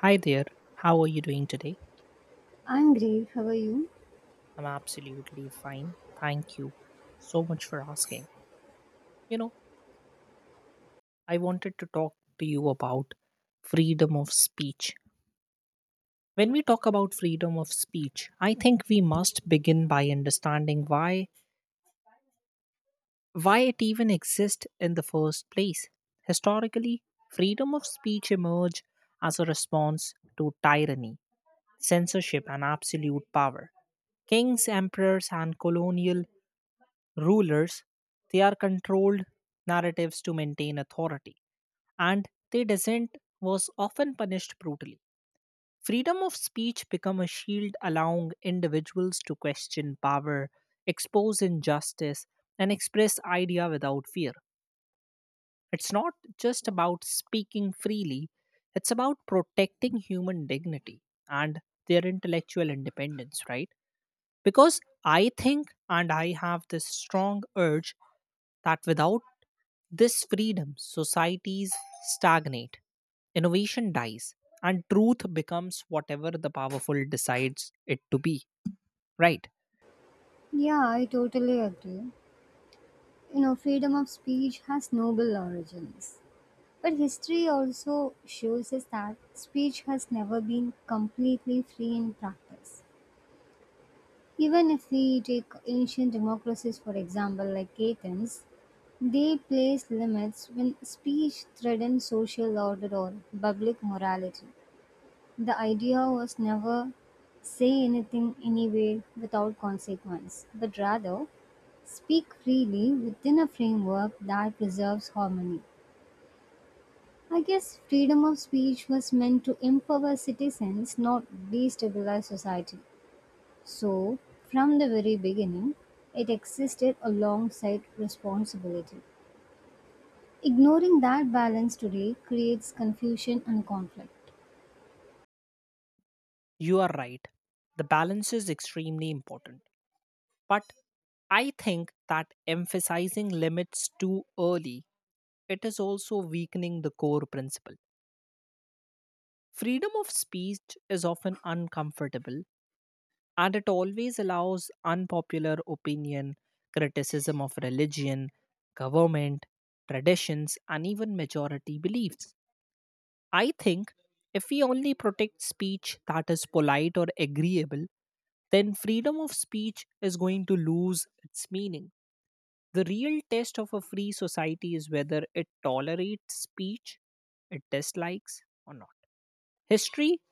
Hi there, how are you doing today? I'm great. How are you? I'm absolutely fine. Thank you so much for asking. You know, I wanted to talk to you about freedom of speech. When we talk about freedom of speech, I think we must begin by understanding why it even exists in the first place. Historically, freedom of speech emerged as a response to tyranny, censorship and absolute power. Kings, emperors and colonial rulers they are controlled narratives to maintain authority, and their dissent was often punished brutally. Freedom of speech become a shield allowing individuals to question power, expose injustice, and express idea without fear. It's not just about speaking freely, it's about protecting human dignity and their intellectual independence, right? Because I think, and I have this strong urge, that without this freedom, societies stagnate, innovation dies, and truth becomes whatever the powerful decides it to be. Right? Yeah, I totally agree. You know, freedom of speech has noble origins. But history also shows us that speech has never been completely free in practice. Even if we take ancient democracies, for example, like Athens, they place limits when speech threatens social order or public morality. The idea was never say anything anywhere without consequence, but rather speak freely within a framework that preserves harmony. I guess freedom of speech was meant to empower citizens, not destabilize society. So, from the very beginning, it existed alongside responsibility. Ignoring that balance today creates confusion and conflict. You are right. The balance is extremely important. But I think that emphasizing limits too early, it is also weakening the core principle. Freedom of speech is often uncomfortable and it always allows unpopular opinion, criticism of religion, government, traditions, and even majority beliefs. I think if we only protect speech that is polite or agreeable, then freedom of speech is going to lose its meaning. The real test of a free society is whether it tolerates speech it dislikes or not. History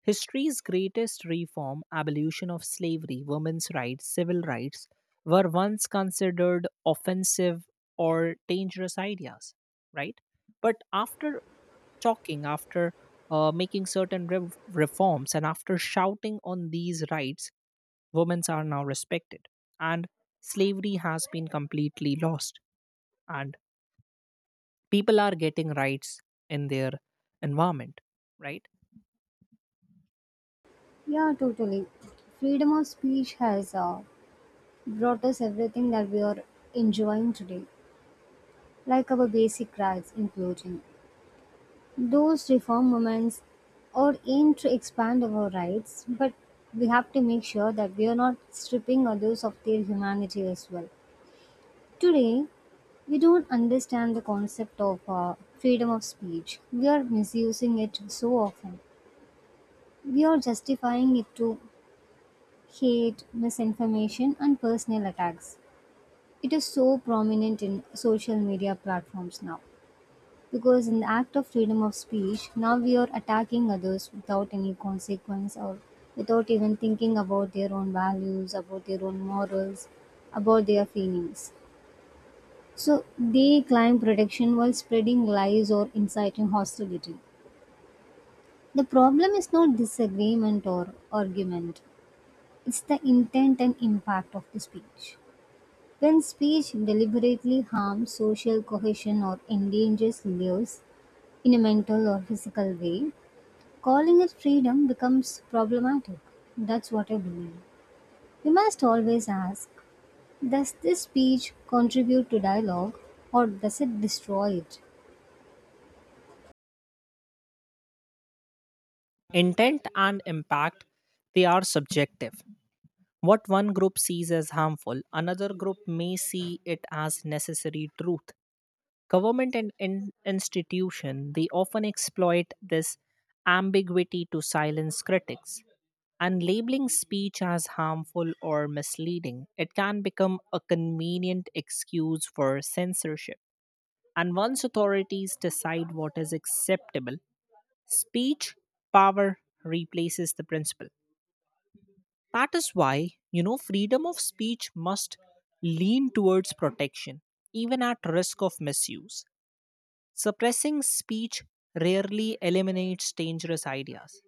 History's greatest reform, abolition of slavery, women's rights, civil rights, were once considered offensive or dangerous ideas, right? But after talking, after making certain rev reforms, and after shouting on these rights, women are now respected. And slavery has been completely lost. And people are getting rights in their environment, right? Yeah, totally. Freedom of speech has brought us everything that we are enjoying today, like our basic rights, including those reform movements are aimed to expand our rights, but we have to make sure that we are not stripping others of their humanity as well. Today, we don't understand the concept of freedom of speech. We are misusing it so often. We are justifying it to hate, misinformation, and personal attacks. It is so prominent in social media platforms now. Because in the act of freedom of speech, now we are attacking others without any consequence or without even thinking about their own values, about their own morals, about their feelings. So they claim protection while spreading lies or inciting hostility. The problem is not disagreement or argument, it's the intent and impact of the speech. When speech deliberately harms social cohesion or endangers lives in a mental or physical way, calling it freedom becomes problematic. That's what I believe. We must always ask, does this speech contribute to dialogue or does it destroy it? Intent and impact, they are subjective. What one group sees as harmful, another group may see it as necessary truth. Government and institution, they often exploit this ambiguity to silence critics. And labeling speech as harmful or misleading, it can become a convenient excuse for censorship. And once authorities decide what is acceptable, speech power replaces the principle. That is why, freedom of speech must lean towards protection, even at risk of misuse. Suppressing speech rarely eliminates dangerous ideas,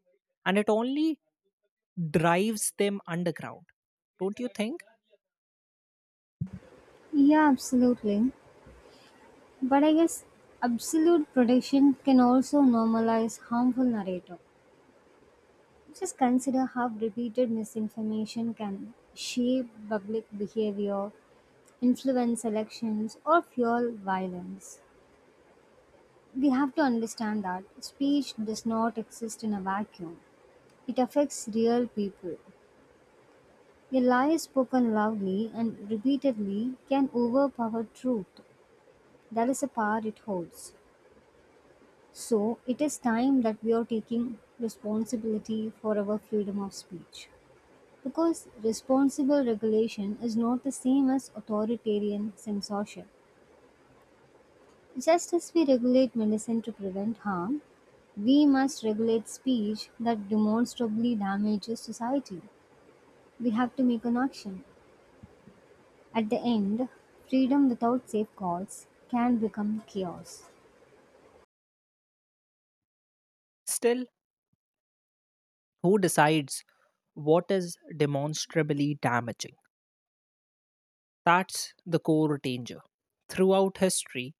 and it only drives them underground. Don't you think? Yeah, absolutely. But I guess absolute protection can also normalize harmful narrative. Just consider how repeated misinformation can shape public behavior, influence elections, or fuel violence. We have to understand that speech does not exist in a vacuum. It affects real people. A lie spoken loudly and repeatedly can overpower truth. That is the power it holds. So, it is time that we are taking responsibility for our freedom of speech. Because responsible regulation is not the same as authoritarian censorship. Just as we regulate medicine to prevent harm, we must regulate speech that demonstrably damages society. We have to make an action. At the end, freedom without safeguards can become chaos, Still, who decides what is demonstrably damaging? That's the core danger. Throughout history,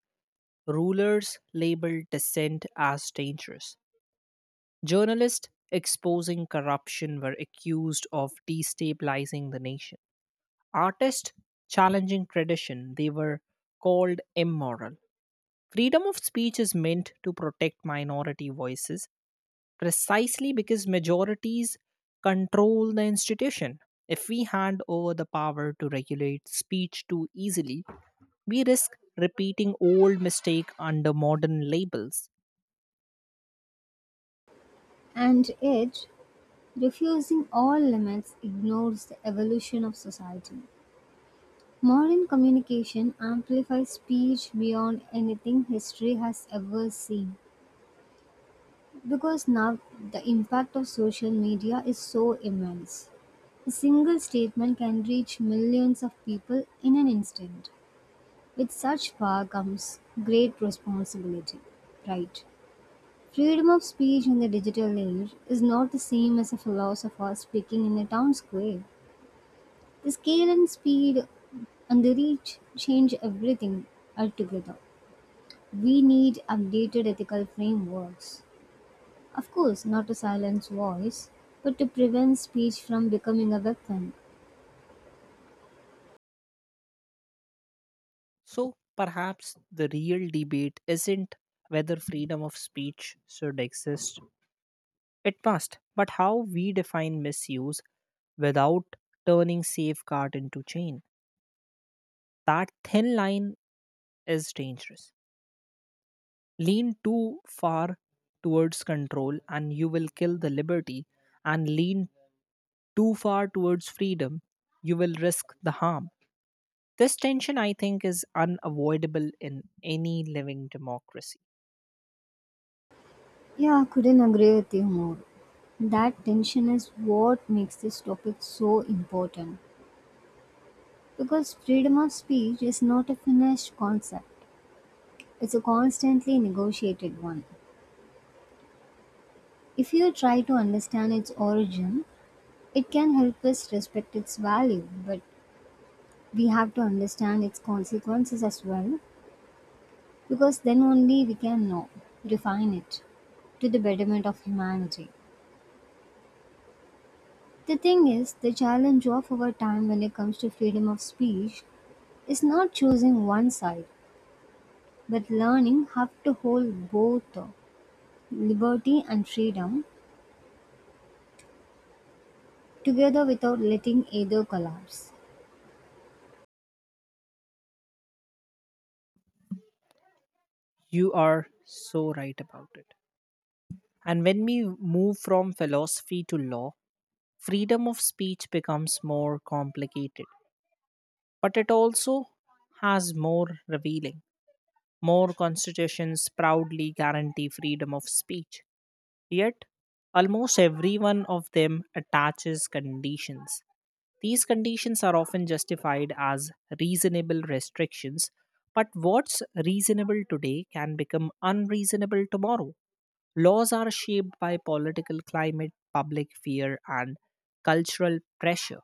rulers labeled dissent as dangerous. Journalists exposing corruption were accused of destabilizing the nation. Artists challenging tradition, they were called immoral. Freedom of speech is meant to protect minority voices precisely because majorities control the institution. If we hand over the power to regulate speech too easily, we risk repeating old mistakes under modern labels. and yet, refusing all limits ignores the evolution of society. Modern communication amplifies speech beyond anything history has ever seen because now the impact of social media is so immense. A single statement can reach millions of people in an instant. With such power comes great responsibility, right? Freedom of speech in the digital age is not the same as a philosopher speaking in a town square. The scale and speed and the reach change everything altogether. We need updated ethical frameworks. Of course, not to silence voice, but to prevent speech from becoming a weapon. So perhaps the real debate isn't whether freedom of speech should exist, it must, but how we define misuse without turning safeguard into chain. That thin line is dangerous. Lean too far towards control and you will kill the liberty, and lean too far towards freedom, you will risk the harm. This tension, I think, is unavoidable in any living democracy. Yeah, I couldn't agree with you more. That tension is what makes this topic so important because freedom of speech is not a finished concept. It's a constantly negotiated one. If you try to understand its origin, it can help us respect its value, but we have to understand its consequences as well, because then only we can know, define it to the betterment of humanity. The thing is, the challenge of our time when it comes to freedom of speech is not choosing one side, but learning how to hold both liberty and freedom together without letting either collapse. You are so right about it. And when we move from philosophy to law, freedom of speech becomes more complicated, but it also has more revealing. More constitutions proudly guarantee freedom of speech, yet, almost every one of them attaches conditions. These conditions are often justified as reasonable restrictions, but what's reasonable today can become unreasonable tomorrow. Laws are shaped by political climate, public fear, and cultural pressure.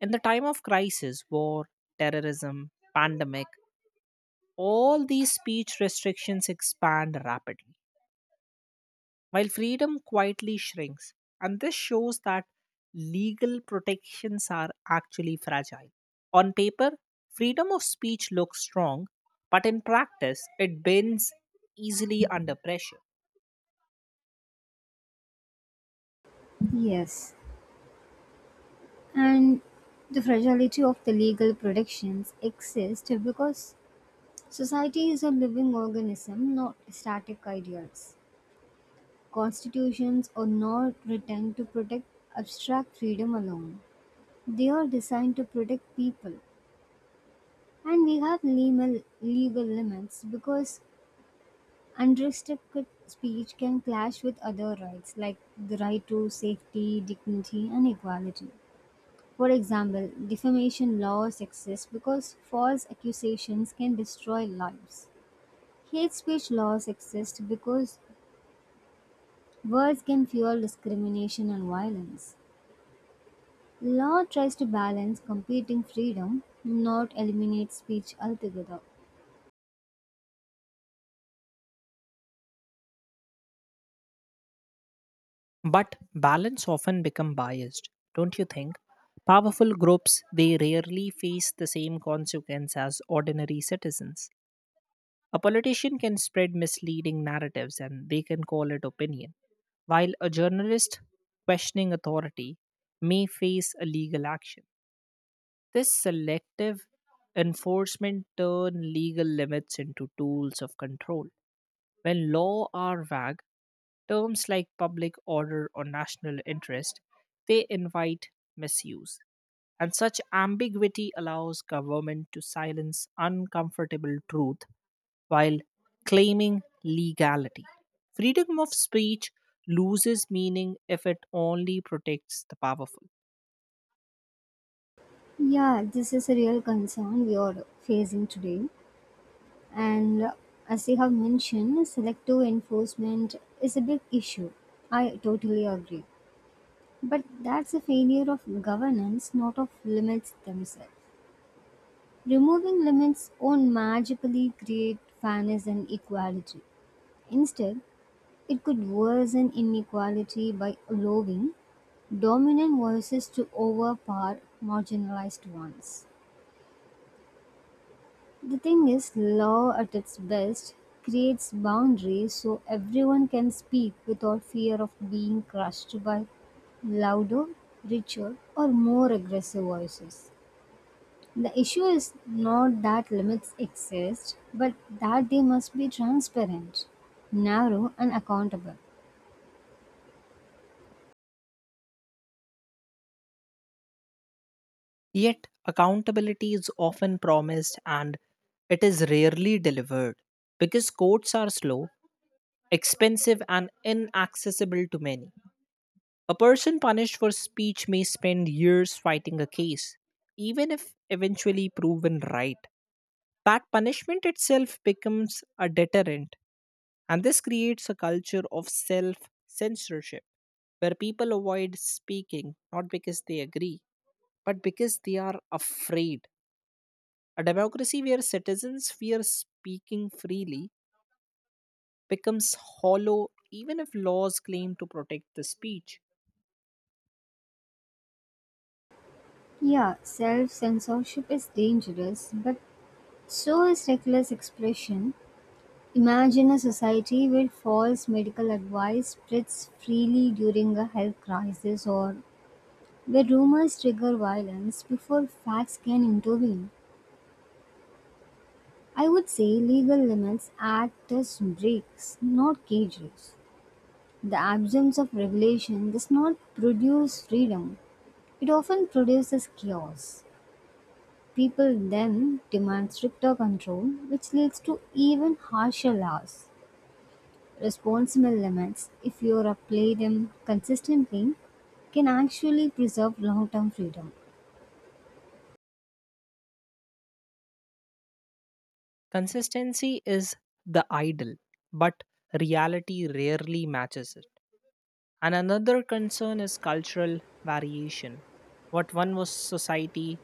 In the time of crisis, war, terrorism, pandemic, all these speech restrictions expand rapidly, while freedom quietly shrinks. And this shows that legal protections are actually fragile. On paper, freedom of speech looks strong, but in practice, it bends easily under pressure. Yes, and the fragility of the legal protections exist because society is a living organism, not static ideals. Constitutions are not written to protect abstract freedom alone. They are designed to protect people, and we have legal limits because unrestricted speech can clash with other rights like the right to safety, dignity, and equality. For example, defamation laws exist because false accusations can destroy lives. Hate speech laws exist because words can fuel discrimination and violence. Law tries to balance competing freedom, not eliminate speech altogether. But balance often become biased, don't you think? Powerful groups they rarely face the same consequence as ordinary citizens. A politician can spread misleading narratives and they can call it opinion, while a journalist questioning authority may face a legal action. This selective enforcement turn legal limits into tools of control. When law are vague, terms like public order or national interest, they invite misuse. And such ambiguity allows government to silence uncomfortable truth while claiming legality. Freedom of speech loses meaning if it only protects the powerful. Yeah, this is a real concern we are facing today. And as you have mentioned, selective enforcement is a big issue. I totally agree. But that's a failure of governance, not of limits themselves. Removing limits won't magically create fairness and equality. Instead, it could worsen inequality by allowing dominant voices to overpower marginalized ones. The thing is, law at its best creates boundaries so everyone can speak without fear of being crushed by louder, richer, or more aggressive voices. The issue is not that limits exist, but that they must be transparent, narrow, and accountable. Yet, accountability is often promised and it is rarely delivered because courts are slow, expensive and inaccessible to many. A person punished for speech may spend years fighting a case, even if eventually proven right. That punishment itself becomes a deterrent, and this creates a culture of self censorship where people avoid speaking not because they agree, but because they are afraid. A democracy where citizens fear speaking freely becomes hollow even if laws claim to protect the speech. Yeah, self censorship is dangerous, but so is reckless expression. Imagine a society where false medical advice spreads freely during a health crisis or where rumors trigger violence before facts can intervene. I would say legal limits act as brakes, not cages. The absence of regulation does not produce freedom, it often produces chaos. People then demand stricter control, which leads to even harsher laws. Responsible limits, if you apply them consistently, can actually preserve long term freedom. Consistency is the ideal, but reality rarely matches it. And another concern is cultural variation. What one was society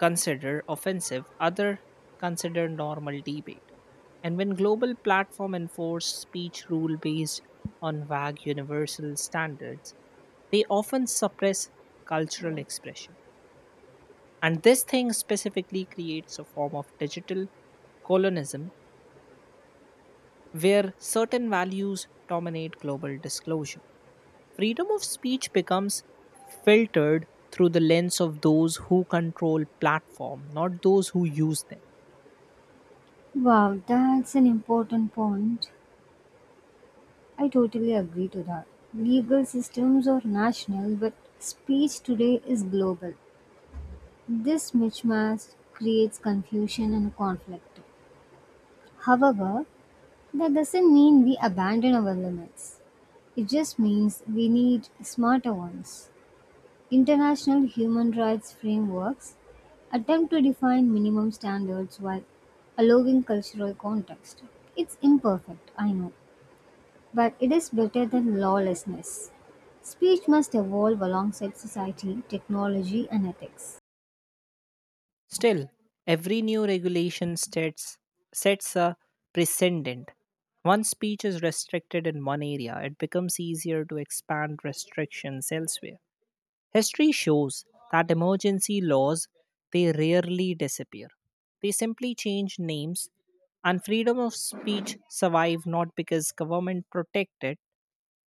consider offensive, other consider normal debate. And when global platforms enforce speech rule based on vague universal standards, they often suppress cultural expression. And this thing specifically creates a form of digital colonialism where certain values dominate global disclosure. Freedom of speech becomes filtered through the lens of those who control platform, not those who use them. Wow, that's an important point. I totally agree to that. Legal systems are national, but speech today is global. This mismatch creates confusion and conflict. However, that doesn't mean we abandon our limits. It just means we need smarter ones. International human rights frameworks attempt to define minimum standards while allowing cultural context. It's imperfect, I know, but it is better than lawlessness. Speech must evolve alongside society, technology, and ethics. Still, every new regulation sets a precedent. Once speech is restricted in one area, it becomes easier to expand restrictions elsewhere. History shows that emergency laws they rarely disappear. They simply change names, and freedom of speech survive, not because government protect it,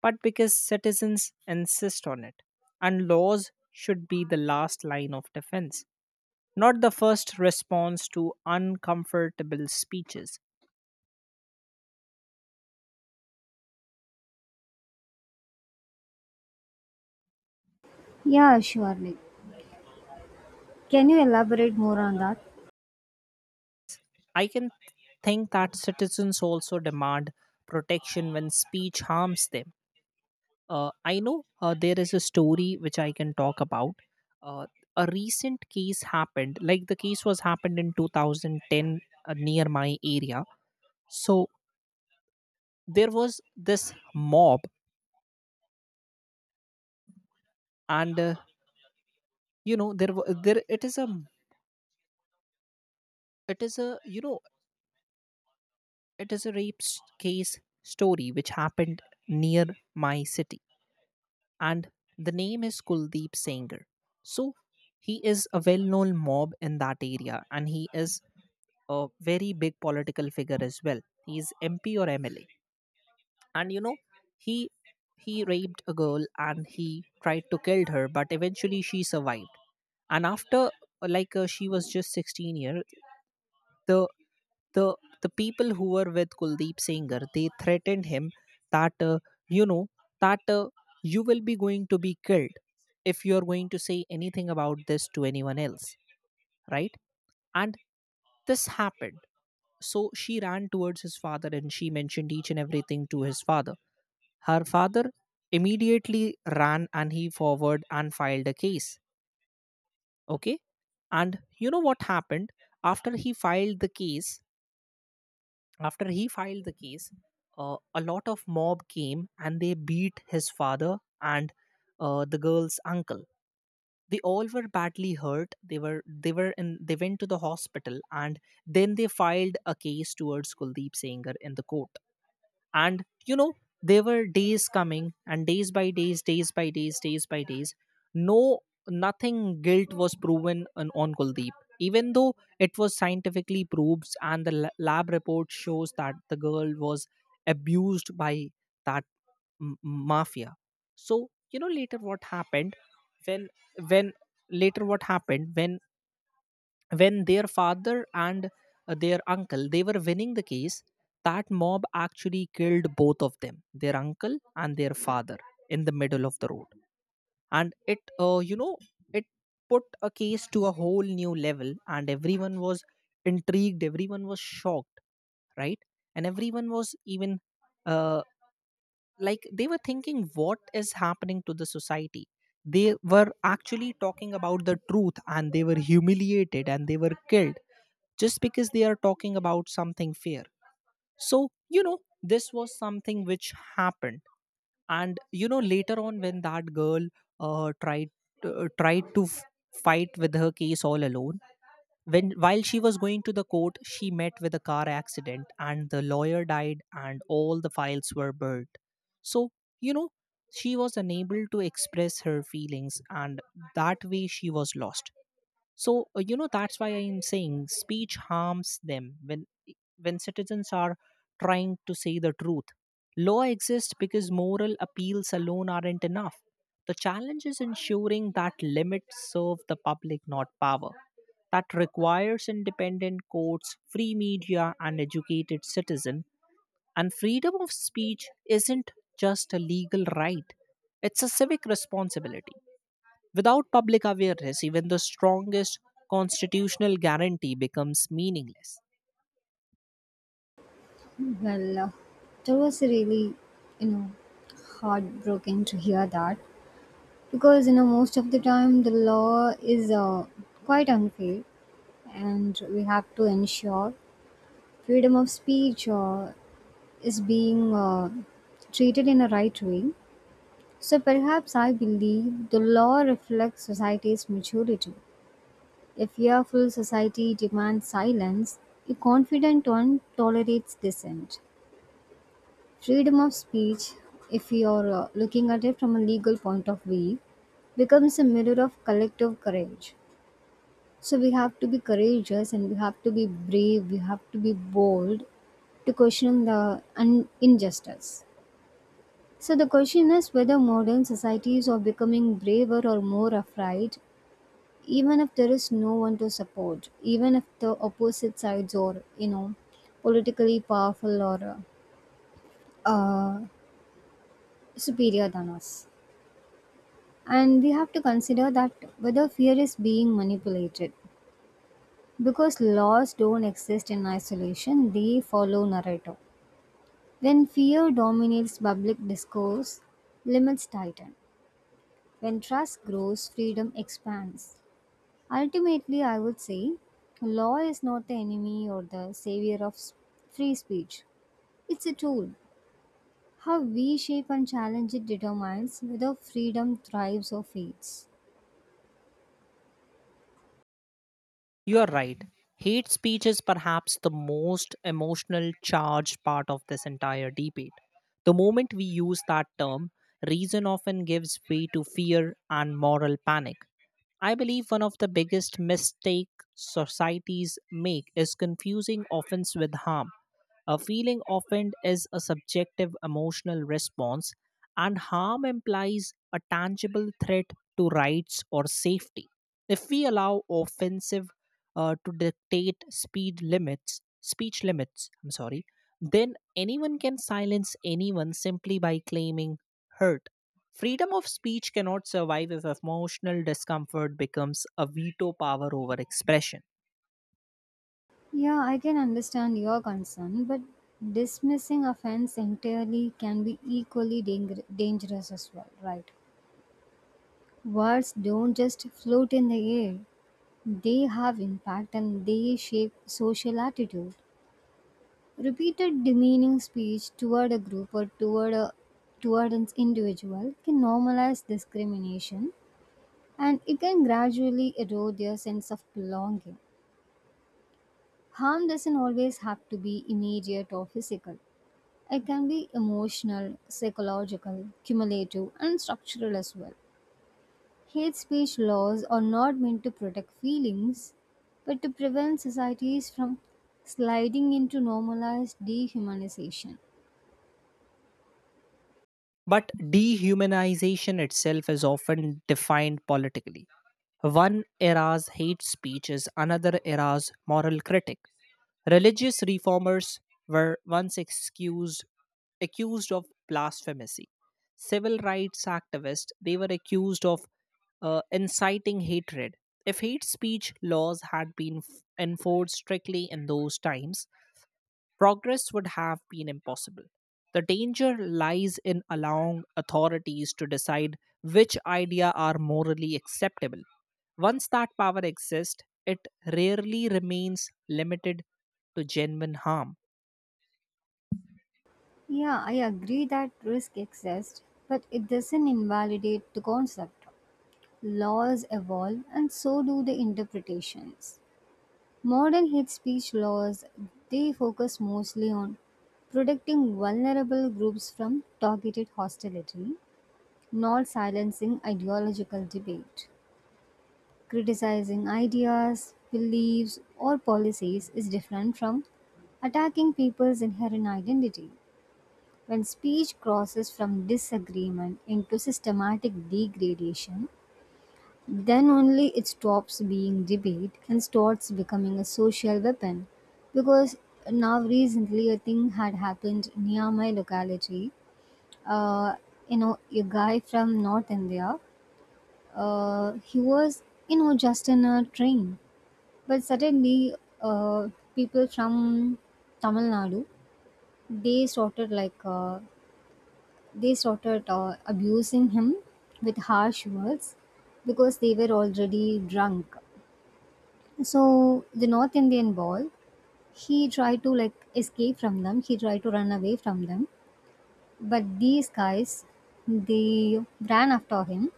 but because citizens insist on it. And laws should be the last line of defense, not the first response to uncomfortable speeches. Yeah, surely. Can you elaborate more on that? I can think that citizens also demand protection when speech harms them. I know there is a story which I can talk about. Uh, a recent case happened, like the case was happened in 2010 near my area. So there was this mob, and there wa- there it is a you know it is a rape case story which happened near my city, and the name is Kuldeep Sanger. So he is a well known mob in that area, and he is a very big political figure as well. He is MP or MLA. And you know, he he raped a girl and he tried to kill her, but eventually she survived. And after like she was just 16 years, the the the people who were with Kuldeep Singhar they threatened him that uh, you know that you will be going to be killed if you are going to say anything about this to anyone else, right? And this happened. So she ran towards his father, and she mentioned each and everything to his father. Her father immediately ran and he forward and filed a case. Okay. And you know what happened after he filed the case? After he filed the case, a lot of mob came and they beat his father and the girl's uncle. They all were badly hurt. They were in they went to the hospital, and then they filed a case towards Kuldeep Sanger in the court. And there were days coming, and days by days, days by days, days by days. No, nothing guilt was proven on Kuldeep, even though it was scientifically proved and the lab report shows that the girl was abused by that mafia. So later what happened, when when later what happened, when their father and their uncle, they were winning the case. That mob actually killed both of them, their uncle and their father, in the middle of the road. And it you know it put a case to a whole new level, and everyone was intrigued, everyone was shocked, right? And everyone was even uh, like they were thinking what is happening to the society. They were actually talking about the truth and they were humiliated and they were killed just because they are talking about something fair. So, this was something which happened. And later on when that girl uh, tried, tried to fight with her case all alone, when while she was going to the court, she met with a car accident and the lawyer died and all the files were burnt. So, you know, she was unable to express her feelings and that way she was lost. So, that's why I am saying speech harms them when citizens are trying to say the truth. Law exists because moral appeals alone aren't enough. The challenge is ensuring that limits serve the public, not power. That requires independent courts, free media, and educated citizen. And freedom of speech isn't just a legal right; it's a civic responsibility. Without public awareness, even the strongest constitutional guarantee becomes meaningless. Well, that was really, you know, heartbroken to hear that, because most of the time the law is quite unfair, and we have to ensure freedom of speech is being treated in a right way. So perhaps I believe the law reflects society's maturity. A fearful society demands silence. A confident one tolerates dissent. Freedom of speech, if you're looking at it from a legal point of view, becomes a mirror of collective courage. So we have to be courageous and we have to be brave, we have to be bold to question the injustice. So the question is whether modern societies are becoming braver or more afraid, even if there is no one to support, even if the opposite sides are, politically powerful or uh, uh, superior than us. And we have to consider that whether fear is being manipulated. Because laws don't exist in isolation, they follow narrative. When fear dominates public discourse, limits tighten. When trust grows, freedom expands. Ultimately, I would say law is not the enemy or the savior of free speech, it's a tool. How we shape and challenge it determines whether freedom thrives or fades. You are right. Hate speech is perhaps the most emotional charged part of this entire debate. The moment we use that term, reason often gives way to fear and moral panic. I believe one of the biggest mistake societies make is confusing offense with harm. A feeling offended is a subjective emotional response, and harm implies a tangible threat to rights or safety. If we allow offensive to dictate speed limits speech limits, I'm sorry, then anyone can silence anyone simply by claiming hurt. Freedom of speech cannot survive if emotional discomfort becomes a veto power over expression. Yeah, I can understand your concern, but dismissing offense entirely can be equally dangerous as well, right? Words don't just float in the air, they have impact and they shape social attitude. Repeated demeaning speech toward a group or toward an individual can normalize discrimination, and it can gradually erode their sense of belonging. Harm doesn't always have to be immediate or physical. It can be emotional, psychological, cumulative, and structural as well. Hate speech laws are not meant to protect feelings, but to prevent societies from sliding into normalized dehumanization. But dehumanization itself is often defined politically. One era's hate speech is another era's moral critic. Religious reformers were once excused accused of blasphemy. Civil rights activists they were accused of inciting hatred. If hate speech laws had been enforced strictly in those times, progress would have been impossible. The danger lies in allowing authorities to decide which ideas are morally acceptable. Once that power exists, it rarely remains limited to genuine harm. Yeah, I agree that risk exists, but it doesn't invalidate the concept. Laws evolve, and so do the interpretations. Modern hate speech laws, they focus mostly on protecting vulnerable groups from targeted hostility, not silencing ideological debate. Criticizing ideas, beliefs, or policies is different from attacking people's inherent identity. When speech crosses from disagreement into systematic degradation, then only it stops being debate and starts becoming a social weapon. Because now recently a thing had happened near my locality. Uh, a guy from North India. He was just in a train, but suddenly uh, people from Tamil Nadu they started like uh, they started abusing him with harsh words, because they were already drunk. So the North Indian ball, he tried to like escape from them. He tried to run away from them, but these guys, they ran after him.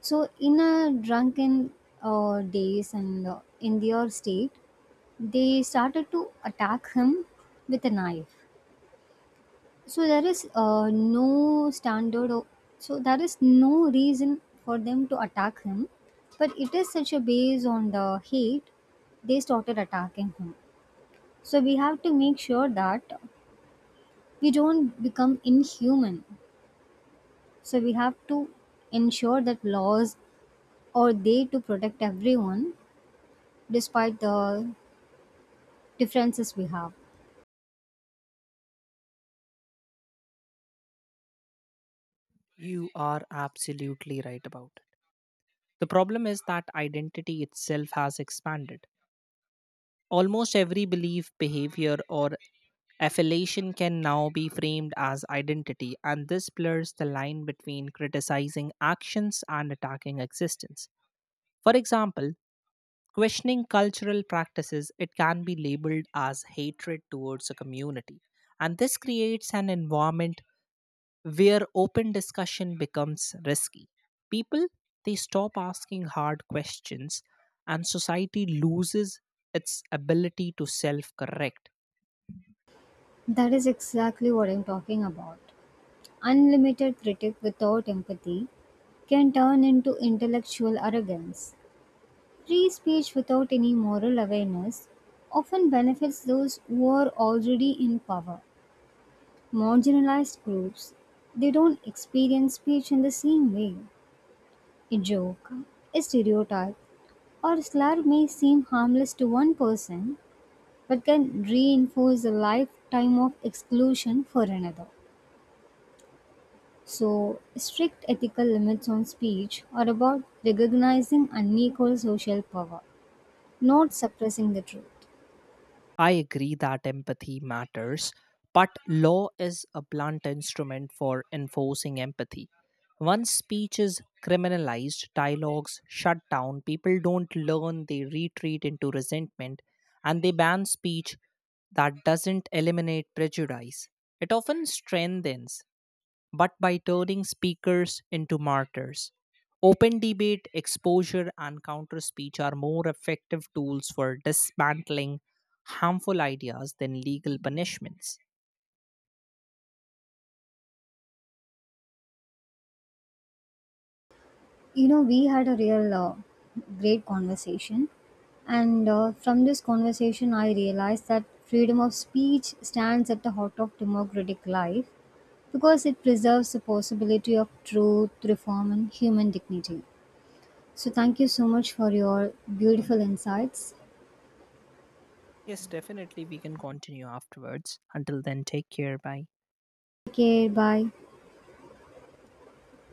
So in a drunken days and in their state, they started to attack him with a knife. So there is no standard. So there is no reason for them to attack him, but it is such a base on the hate they started attacking him. So we have to make sure that we don't become inhuman. So we have to ensure that laws are there to protect everyone despite the differences we have. You are absolutely right about it. The problem is that identity itself has expanded. Almost every belief, behavior, or affiliation can now be framed as identity, and this blurs the line between criticizing actions and attacking existence. For example, questioning cultural practices, it can be labeled as hatred towards a community, and this creates an environment where open discussion becomes risky. People, they stop asking hard questions, and society loses its ability to self correct. That is exactly what I'm talking about. Unlimited critic without empathy can turn into intellectual arrogance. Free speech without any moral awareness often benefits those who are already in power. Marginalized groups, they don't experience speech in the same way. A joke, a stereotype, or a slur may seem harmless to one person, but can reinforce a lifetime of exclusion for another. So strict ethical limits on speech are about recognizing unequal social power, not suppressing the truth. I agree that empathy matters, but law is a blunt instrument for enforcing empathy. Once speech is criminalized, dialogues shut down, people don't learn, they retreat into resentment, and they ban speech that doesn't eliminate prejudice. It often strengthens but by turning speakers into martyrs. Open debate, exposure, and counter speech are more effective tools for dismantling harmful ideas than legal punishments. We had a real great conversation, and from this conversation I realized that freedom of speech stands at the heart of democratic life, because it preserves the possibility of truth reform and human dignity. So thank you so much for your beautiful insights. Yes, definitely, we can continue afterwards. Until then, take care. Bye. Take care. Bye.